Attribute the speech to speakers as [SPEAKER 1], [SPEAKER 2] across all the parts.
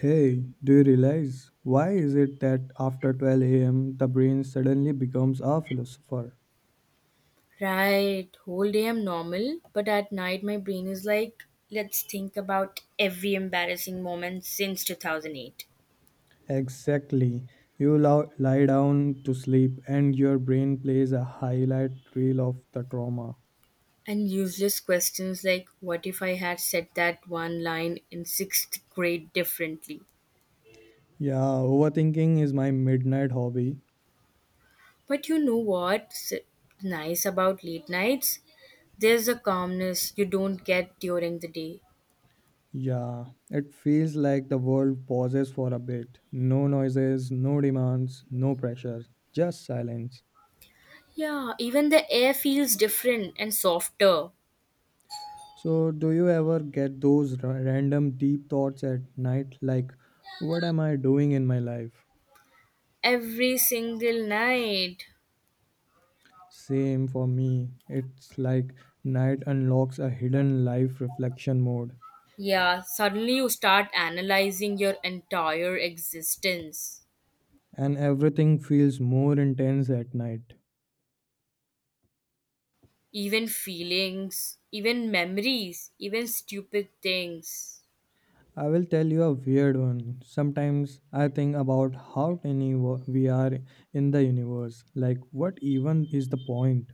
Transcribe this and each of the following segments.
[SPEAKER 1] Hey, do you realize why is it that after 12 a.m. the brain suddenly becomes a philosopher?
[SPEAKER 2] Right, whole day I'm normal, but at night my brain is like, let's think about every embarrassing moment since 2008.
[SPEAKER 1] Exactly. Lie down to sleep and your brain plays a highlight reel of the trauma.
[SPEAKER 2] And useless questions like, what if I had said that one line in sixth grade differently?
[SPEAKER 1] Yeah, overthinking is my midnight hobby.
[SPEAKER 2] But you know what's nice about late nights? There's a calmness you don't get during the day.
[SPEAKER 1] Yeah, it feels like the world pauses for a bit. No noises, no demands, no pressure, just silence.
[SPEAKER 2] Yeah, even the air feels different and softer
[SPEAKER 1] So, do you ever get those random deep thoughts at night like, what am I doing in my life?
[SPEAKER 2] every single night.
[SPEAKER 1] Same for me. It's like night unlocks a hidden life reflection mode,
[SPEAKER 2] Yeah, suddenly you start analyzing your entire existence,
[SPEAKER 1] and everything feels more intense at night.
[SPEAKER 2] even feelings, even memories, even stupid things.
[SPEAKER 1] I will tell you a weird one. Sometimes I think about how tiny we are in the universe. Like, what even is the point?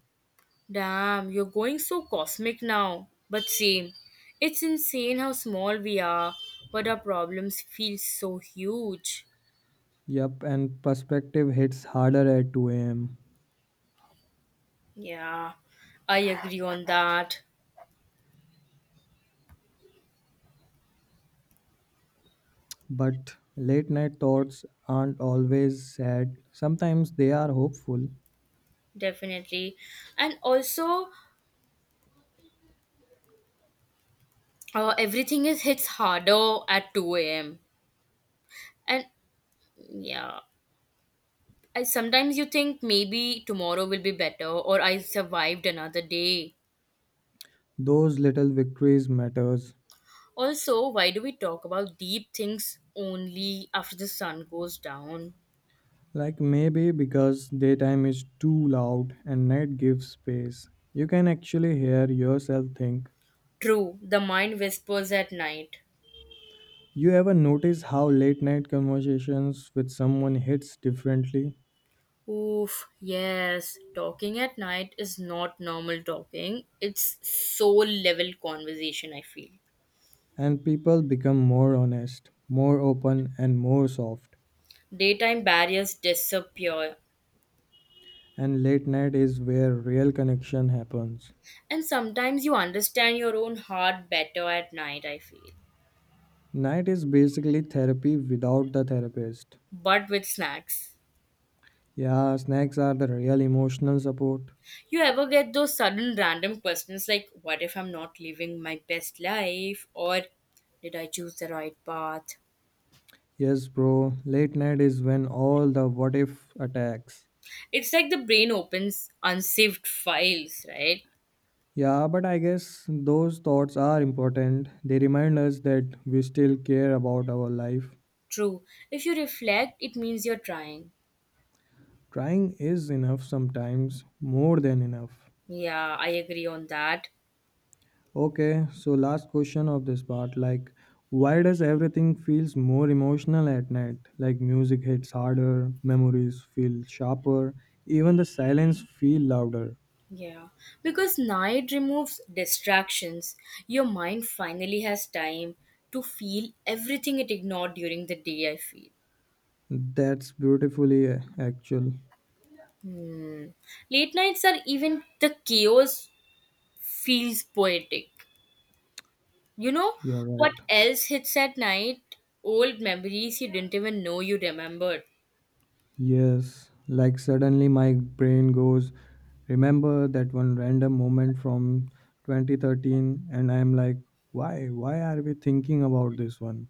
[SPEAKER 2] Damn, you're going so cosmic now. But same, it's insane how small we are, but our problems feel so huge.
[SPEAKER 1] Yup, and perspective hits harder at 2 am.
[SPEAKER 2] Yeah, I agree on that.
[SPEAKER 1] But late night thoughts aren't always sad. Sometimes they are hopeful.
[SPEAKER 2] Definitely. And also, everything is hits harder at 2 a.m. And yeah, I sometimes you think maybe tomorrow will be better or I survived another day.
[SPEAKER 1] Those little victories matters.
[SPEAKER 2] Also, why do we talk about deep things only after the sun goes down?
[SPEAKER 1] Like maybe because daytime is too loud and night gives space. You can actually hear yourself think.
[SPEAKER 2] True, the mind whispers at night.
[SPEAKER 1] You ever notice how late night conversations with someone hits differently?
[SPEAKER 2] Oof, yes, talking at night is not normal talking. It's soul level conversation, I feel.
[SPEAKER 1] And people become more honest, more open, and more soft.
[SPEAKER 2] Daytime barriers disappear.
[SPEAKER 1] And late night is where real connection happens.
[SPEAKER 2] And sometimes you understand your own heart better at night, I feel.
[SPEAKER 1] Night is basically therapy without the therapist.
[SPEAKER 2] But with snacks.
[SPEAKER 1] Yeah, snacks are the real emotional support.
[SPEAKER 2] You ever get those sudden random questions like, what if I'm not living my best life? Or did I choose the right path?
[SPEAKER 1] Yes, bro, late night is when all the what if attacks.
[SPEAKER 2] It's like the brain opens unsaved files, right?
[SPEAKER 1] Yeah, but I guess those thoughts are important. They remind us that we still care about our life.
[SPEAKER 2] True. If you reflect, it means you're trying.
[SPEAKER 1] Trying is enough sometimes, more than enough.
[SPEAKER 2] Yeah, I agree on that.
[SPEAKER 1] Okay, so last question of this part, like why does everything feels more emotional at night? Like music hits harder, memories feel sharper, even the silence feel louder.
[SPEAKER 2] Yeah, because night removes distractions. Your mind finally has time to feel everything it ignored during the day, I feel.
[SPEAKER 1] That's beautifully actual.
[SPEAKER 2] Late nights are even the chaos feels poetic. You know
[SPEAKER 1] You're right.
[SPEAKER 2] what else hits at night? Old memories you didn't even know you remembered.
[SPEAKER 1] Yes, like suddenly my brain goes, remember that one random moment from 2013 and I'm like, why are we thinking about this one?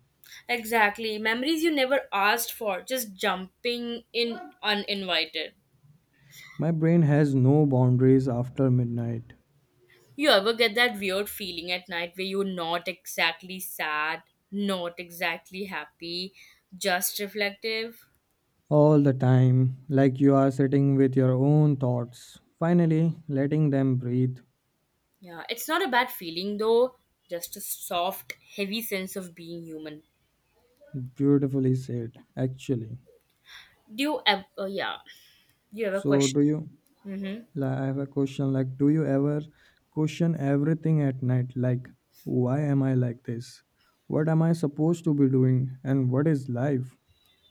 [SPEAKER 2] Exactly, memories you never asked for, just jumping in uninvited.
[SPEAKER 1] My brain has no boundaries after midnight.
[SPEAKER 2] You ever get that weird feeling at night where you're not exactly sad, not exactly happy, just reflective?
[SPEAKER 1] All the time, like you are sitting with your own thoughts, finally letting them breathe.
[SPEAKER 2] Yeah, it's not a bad feeling though, just a soft, heavy sense of being human.
[SPEAKER 1] Beautifully said, actually.
[SPEAKER 2] Do you ever, yeah, do you ever
[SPEAKER 1] So,
[SPEAKER 2] question?
[SPEAKER 1] do you?
[SPEAKER 2] Mm-hmm.
[SPEAKER 1] Like, I have a question like, do you ever question everything at night? Like, why am I like this? What am I supposed to be doing? And what is life?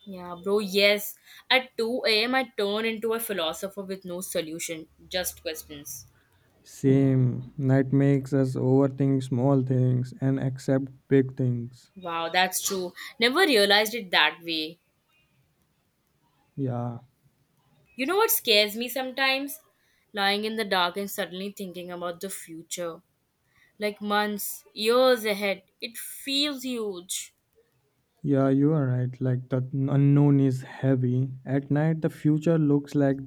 [SPEAKER 2] Yeah, bro, yes. At 2 a.m., I turn into a philosopher with no solution, just questions.
[SPEAKER 1] Same. Night makes us overthink small things and accept big things.
[SPEAKER 2] Wow, that's true. Never realized it that way.
[SPEAKER 1] Yeah.
[SPEAKER 2] You know what scares me sometimes? Lying in the dark and suddenly thinking about the future. Like months, years ahead. It feels huge.
[SPEAKER 1] Yeah, you are right. Like the unknown is heavy. At night, the future looks like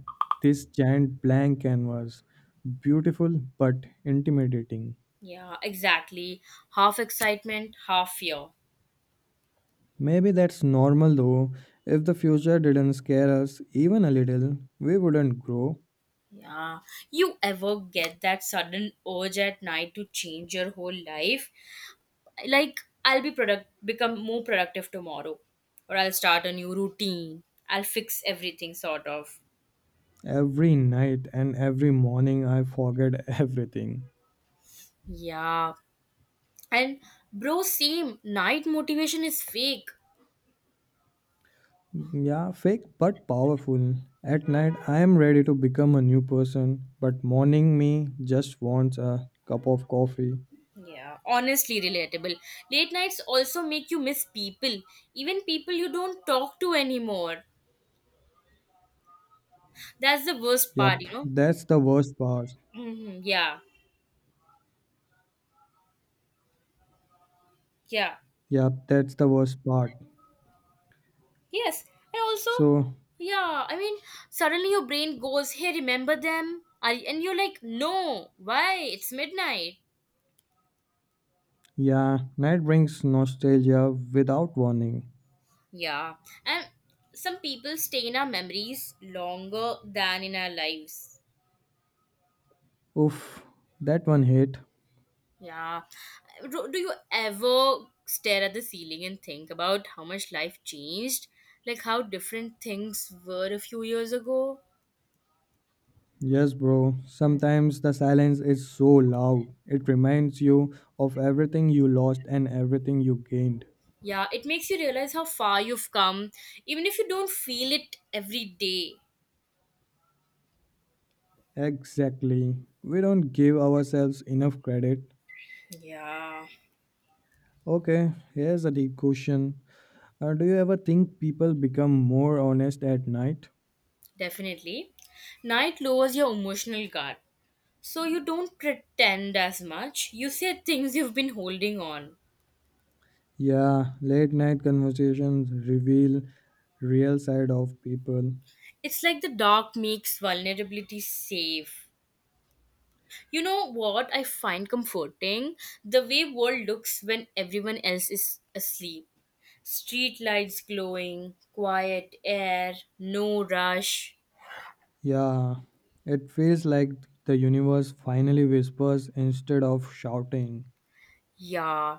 [SPEAKER 1] this giant blank canvas. Beautiful but intimidating.
[SPEAKER 2] Yeah, exactly. Half excitement, half fear.
[SPEAKER 1] Maybe that's normal though. If the future didn't scare us even a little, we wouldn't grow.
[SPEAKER 2] Yeah. You ever get that sudden urge at night to change your whole life? Like I'll be product become more productive tomorrow, or I'll start a new routine, I'll fix everything sort of.
[SPEAKER 1] Every night and every morning, I forget everything.
[SPEAKER 2] Yeah, and bro, same. Night motivation is fake.
[SPEAKER 1] Yeah, fake but powerful. At night, I am ready to become a new person, but morning me just wants a cup of coffee.
[SPEAKER 2] Yeah, honestly relatable. Late nights also make you miss people, even people you don't talk to anymore. That's the worst part, you
[SPEAKER 1] Yep,
[SPEAKER 2] know.
[SPEAKER 1] that's the worst part.
[SPEAKER 2] Yeah. Yeah.
[SPEAKER 1] Yep, that's the worst part.
[SPEAKER 2] Yes, and also,
[SPEAKER 1] So,
[SPEAKER 2] yeah, I mean, suddenly your brain goes, "Hey, remember them?" And you're like, "No, why? It's midnight."
[SPEAKER 1] yeah, night brings nostalgia without warning.
[SPEAKER 2] Yeah, and some people stay in our memories longer than in our lives.
[SPEAKER 1] Oof, that one hit.
[SPEAKER 2] Yeah, do you ever stare at the ceiling and think about how much life changed? Like how different things were a few years ago?
[SPEAKER 1] Yes, bro, sometimes the silence is so loud. It reminds you of everything you lost and everything you gained.
[SPEAKER 2] Yeah, it makes you realize how far you've come, even if you don't feel it every day.
[SPEAKER 1] Exactly. We don't give ourselves enough credit.
[SPEAKER 2] Yeah,
[SPEAKER 1] Okay, here's a deep question. Do you ever think people become more honest at night?
[SPEAKER 2] definitely. Night lowers your emotional guard. So you don't pretend as much. You say things you've been holding on.
[SPEAKER 1] Yeah, late night conversations reveal real side of people.
[SPEAKER 2] It's like the dark makes vulnerability safe. You know what I find comforting? The way world looks when everyone else is asleep. Street lights glowing, quiet air, no rush.
[SPEAKER 1] Yeah, it feels like the universe finally whispers instead of shouting.
[SPEAKER 2] Yeah.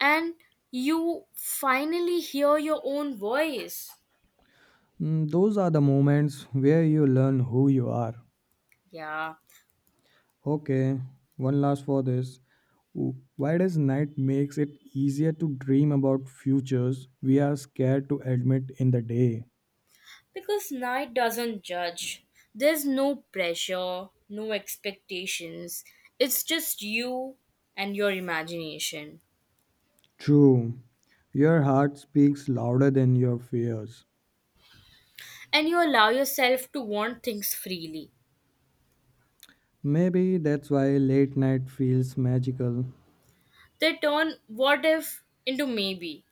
[SPEAKER 2] And you finally hear your own voice.
[SPEAKER 1] Mm, those are the moments where you learn who you are.
[SPEAKER 2] Yeah.
[SPEAKER 1] Okay, one last for this. Why does night makes it easier to dream about futures we are scared to admit in the day?
[SPEAKER 2] Because night doesn't judge. There's no pressure, no expectations. It's just you and your imagination.
[SPEAKER 1] True. Your heart speaks louder than your fears.
[SPEAKER 2] And you allow yourself to want things freely.
[SPEAKER 1] Maybe that's why late night feels magical.
[SPEAKER 2] They turn what if into maybe.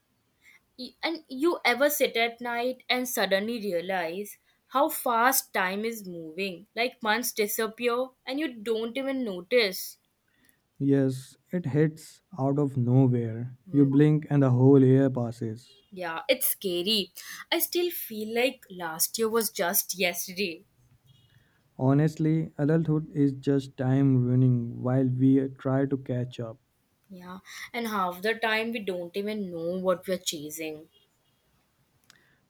[SPEAKER 2] And you ever sit at night and suddenly realize how fast time is moving? Like months disappear and you don't even notice.
[SPEAKER 1] Yes, it hits out of nowhere. You
[SPEAKER 2] Mm,
[SPEAKER 1] blink and the whole year passes.
[SPEAKER 2] yeah, it's scary. I still feel like last year was just yesterday.
[SPEAKER 1] Honestly, adulthood is just time running while we try to catch up.
[SPEAKER 2] Yeah, and half the time we don't even know what we're chasing.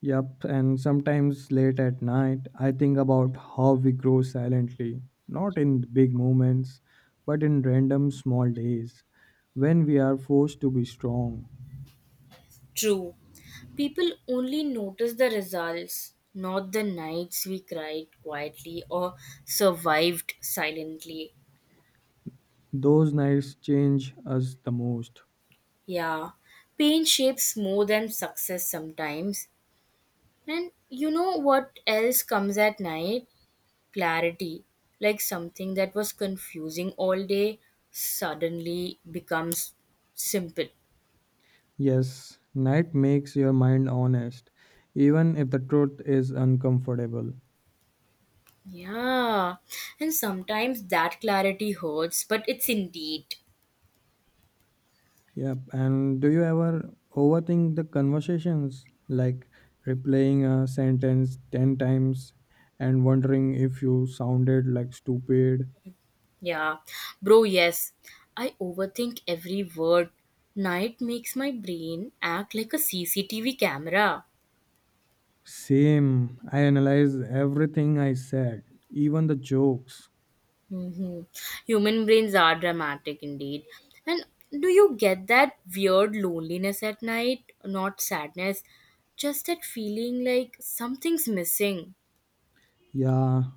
[SPEAKER 1] Yup, and sometimes late at night, I think about how we grow silently, not in big moments, but in random small days when we are forced to be strong.
[SPEAKER 2] True, people only notice the results, not the nights we cried quietly or survived silently.
[SPEAKER 1] Those nights change us the most.
[SPEAKER 2] Yeah, pain shapes more than success sometimes. And you know what else comes at night? Clarity. Like something that was confusing all day suddenly becomes simple.
[SPEAKER 1] Yes, night makes your mind honest, even if the truth is uncomfortable.
[SPEAKER 2] Yeah, and sometimes that clarity hurts, but it's indeed.
[SPEAKER 1] Yep, and do you ever overthink the conversations, like replaying a sentence 10 times and wondering if you sounded like stupid?
[SPEAKER 2] Yeah, bro, yes. I overthink every word. Night makes my brain act like a CCTV camera.
[SPEAKER 1] Same, I analyze everything I said, even the jokes.
[SPEAKER 2] hmm Human brains are dramatic indeed. And do you get that weird loneliness at night? Not sadness, just that feeling like something's missing.
[SPEAKER 1] Yeah,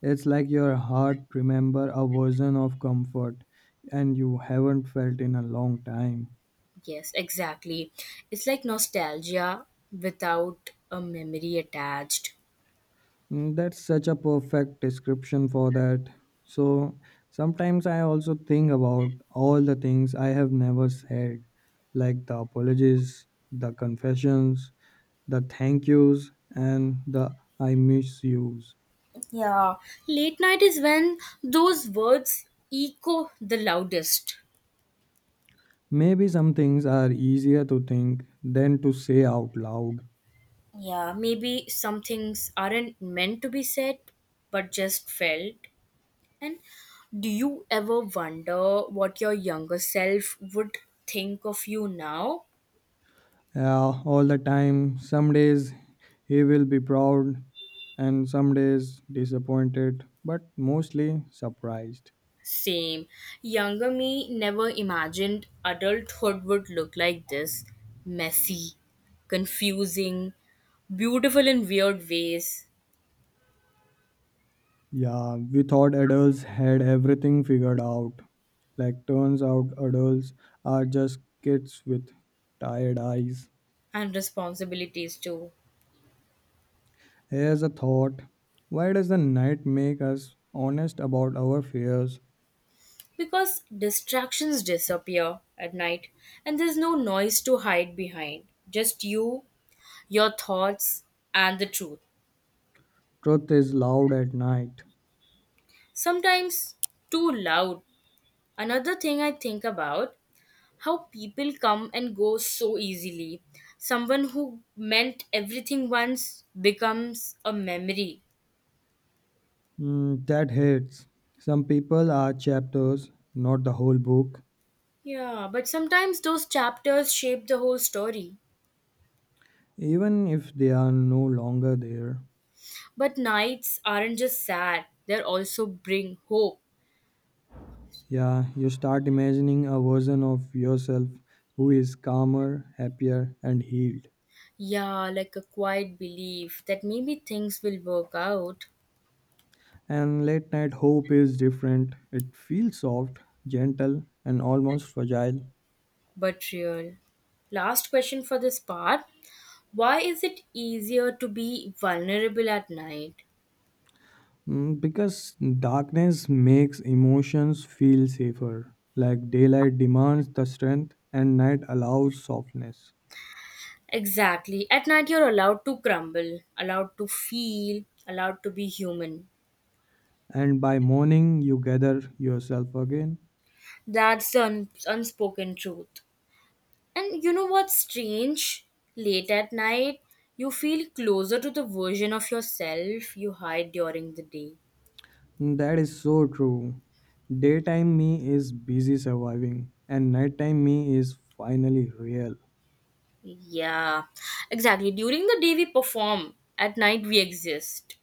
[SPEAKER 1] it's like your heart remember a version of comfort and you haven't felt in a long time.
[SPEAKER 2] Yes, exactly. It's like nostalgia without a memory attached.
[SPEAKER 1] Mm, that's such a perfect description for that. So sometimes I also think about all the things I have never said, like the apologies, the confessions, the thank yous, and the I miss yous.
[SPEAKER 2] Yeah, late night is when those words echo the loudest.
[SPEAKER 1] Maybe some things are easier to think than to say out loud.
[SPEAKER 2] Yeah, maybe some things aren't meant to be said, but just felt. And do you ever wonder what your younger self would think of you now?
[SPEAKER 1] Yeah, all the time. Some days he will be proud, and some days disappointed, but mostly surprised.
[SPEAKER 2] Same. Younger me never imagined adulthood would look like this: messy, confusing, beautiful in weird ways,
[SPEAKER 1] Yeah, we thought adults had everything figured out. Like, turns out adults are just kids with tired eyes.
[SPEAKER 2] and responsibilities too.
[SPEAKER 1] Here's a thought. Why does the night make us honest about our fears?
[SPEAKER 2] Because distractions disappear at night and there's no noise to hide behind. Just you, your thoughts, and the truth.
[SPEAKER 1] Truth is loud at night.
[SPEAKER 2] Sometimes too loud. Another thing I think about: how people come and go so easily. Someone who meant everything once becomes a memory.
[SPEAKER 1] Hmm, that hits. Some people are chapters, not the whole book,
[SPEAKER 2] Yeah, but sometimes those chapters shape the whole story.
[SPEAKER 1] even if they are no longer there.
[SPEAKER 2] But nights aren't just sad, they also bring hope.
[SPEAKER 1] Yeah, you start imagining a version of yourself who is calmer, happier, and healed.
[SPEAKER 2] Yeah, like a quiet belief that maybe things will work out,
[SPEAKER 1] And late night hope is different. It feels soft, gentle, and almost fragile.
[SPEAKER 2] but real. Last question for this part: why is it easier to be vulnerable at night?
[SPEAKER 1] Mm, because darkness makes emotions feel safer. Like daylight demands the strength, and night allows softness.
[SPEAKER 2] Exactly. At night, you're allowed to crumble, allowed to feel, allowed to be human.
[SPEAKER 1] And by morning, you gather yourself again.
[SPEAKER 2] That's the unspoken truth. And you know what's strange? Late at night, you feel closer to the version of yourself you hide during the day.
[SPEAKER 1] Mm, that is so true. Daytime me is busy surviving, and nighttime me is finally real.
[SPEAKER 2] Yeah, exactly. During the day, we perform. At night, we exist.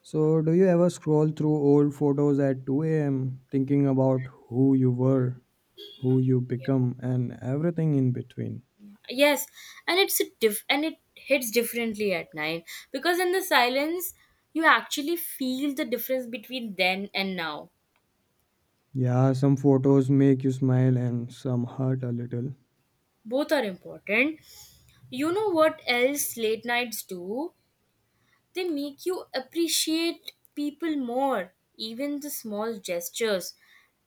[SPEAKER 1] So, do you ever scroll through old photos at 2 a.m., thinking about who you were, who you become, and everything in between?
[SPEAKER 2] Yes, and and it hits differently at night because in the silence, you actually feel the difference between then and now.
[SPEAKER 1] Yeah, some photos make you smile and some hurt a little.
[SPEAKER 2] Both are important. You know what else late nights do? They make you appreciate people more, even the small gestures: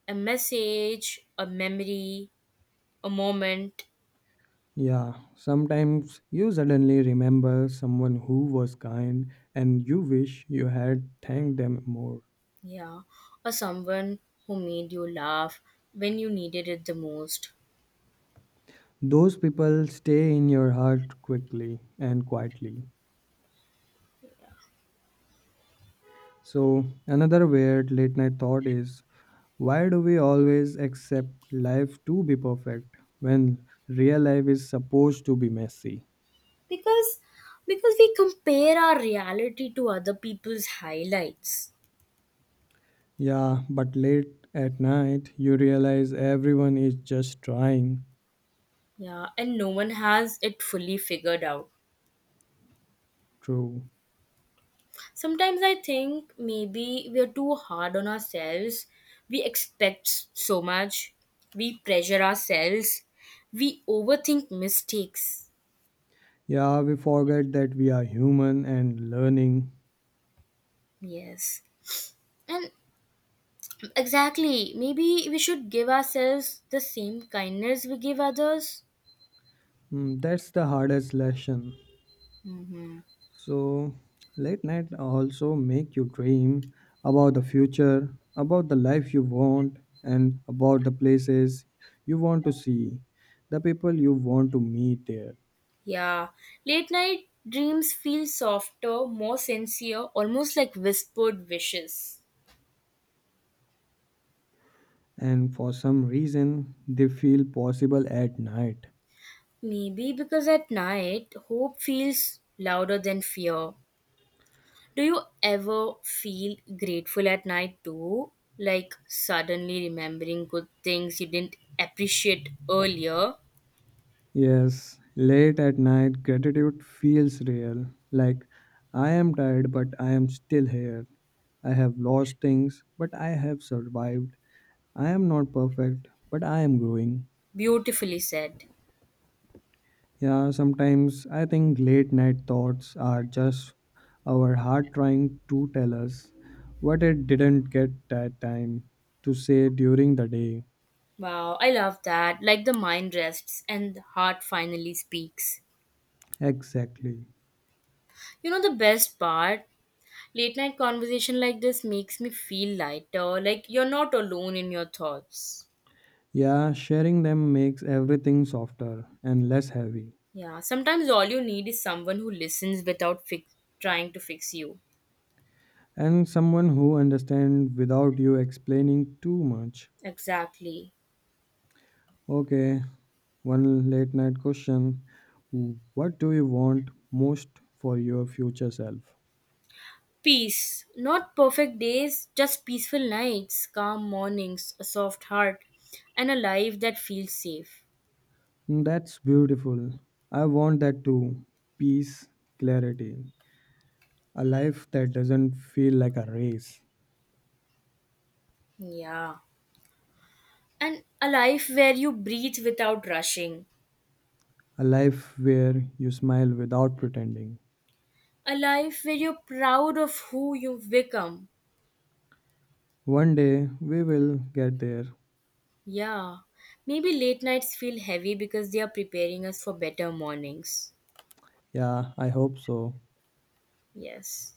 [SPEAKER 2] a message, a memory, a moment.
[SPEAKER 1] Yeah, sometimes you suddenly remember someone who was kind and you wish you had thanked them more.
[SPEAKER 2] Yeah, or someone who made you laugh when you needed it the most.
[SPEAKER 1] Those people stay in your heart quickly and quietly. So, another weird late night thought is why do we always accept life to be perfect when real life is supposed to be messy?
[SPEAKER 2] because because we compare our reality to other people's highlights.
[SPEAKER 1] Yeah, but late at night, you realize everyone is just trying.
[SPEAKER 2] Yeah, and no one has it fully figured out.
[SPEAKER 1] True.
[SPEAKER 2] Sometimes I think maybe we're too hard on ourselves. We expect so much. We pressure ourselves. We overthink mistakes.
[SPEAKER 1] Yeah, we forget that we are human and learning.
[SPEAKER 2] Yes. And exactly, maybe we should give ourselves the same kindness we give others.
[SPEAKER 1] Mm, that's the hardest lesson.
[SPEAKER 2] hmm
[SPEAKER 1] So, late night also make you dream about the future, about the life you want, and about the places you want to see, the people you want to meet there.
[SPEAKER 2] Yeah. Late night dreams feel softer, more sincere, almost like whispered wishes.
[SPEAKER 1] And for some reason, they feel possible at night.
[SPEAKER 2] Maybe because at night, hope feels louder than fear. Do you ever feel grateful at night too? Like suddenly remembering good things you didn't appreciate earlier?
[SPEAKER 1] Yes, late at night, gratitude feels real. Like, I am tired, but I am still here. I have lost things, but I have survived. I am not perfect, but I am growing.
[SPEAKER 2] Beautifully said.
[SPEAKER 1] Yeah, sometimes I think late night thoughts are just our heart trying to tell us what it didn't get that time to say during the day.
[SPEAKER 2] Wow, I love that. Like the mind rests and the heart finally speaks.
[SPEAKER 1] Exactly.
[SPEAKER 2] You know the best part? Late night conversation like this makes me feel lighter, like you're not alone in your thoughts.
[SPEAKER 1] Yeah, sharing them makes everything softer and less heavy.
[SPEAKER 2] Yeah, sometimes all you need is someone who listens without trying to fix you.
[SPEAKER 1] And someone who understands without you explaining too much.
[SPEAKER 2] Exactly.
[SPEAKER 1] Okay, one late night question. What do you want most for your future self?
[SPEAKER 2] Peace. Not perfect days, just peaceful nights, calm mornings, a soft heart, and a life that feels safe.
[SPEAKER 1] That's beautiful. I want that too. Peace, clarity. A life that doesn't feel like a race.
[SPEAKER 2] Yeah. And a life where you breathe without rushing.
[SPEAKER 1] A life where you smile without pretending.
[SPEAKER 2] A life where you're proud of who you've become.
[SPEAKER 1] One day we will get there.
[SPEAKER 2] Yeah. Maybe late nights feel heavy because they are preparing us for better mornings.
[SPEAKER 1] Yeah, I hope so.
[SPEAKER 2] Yes.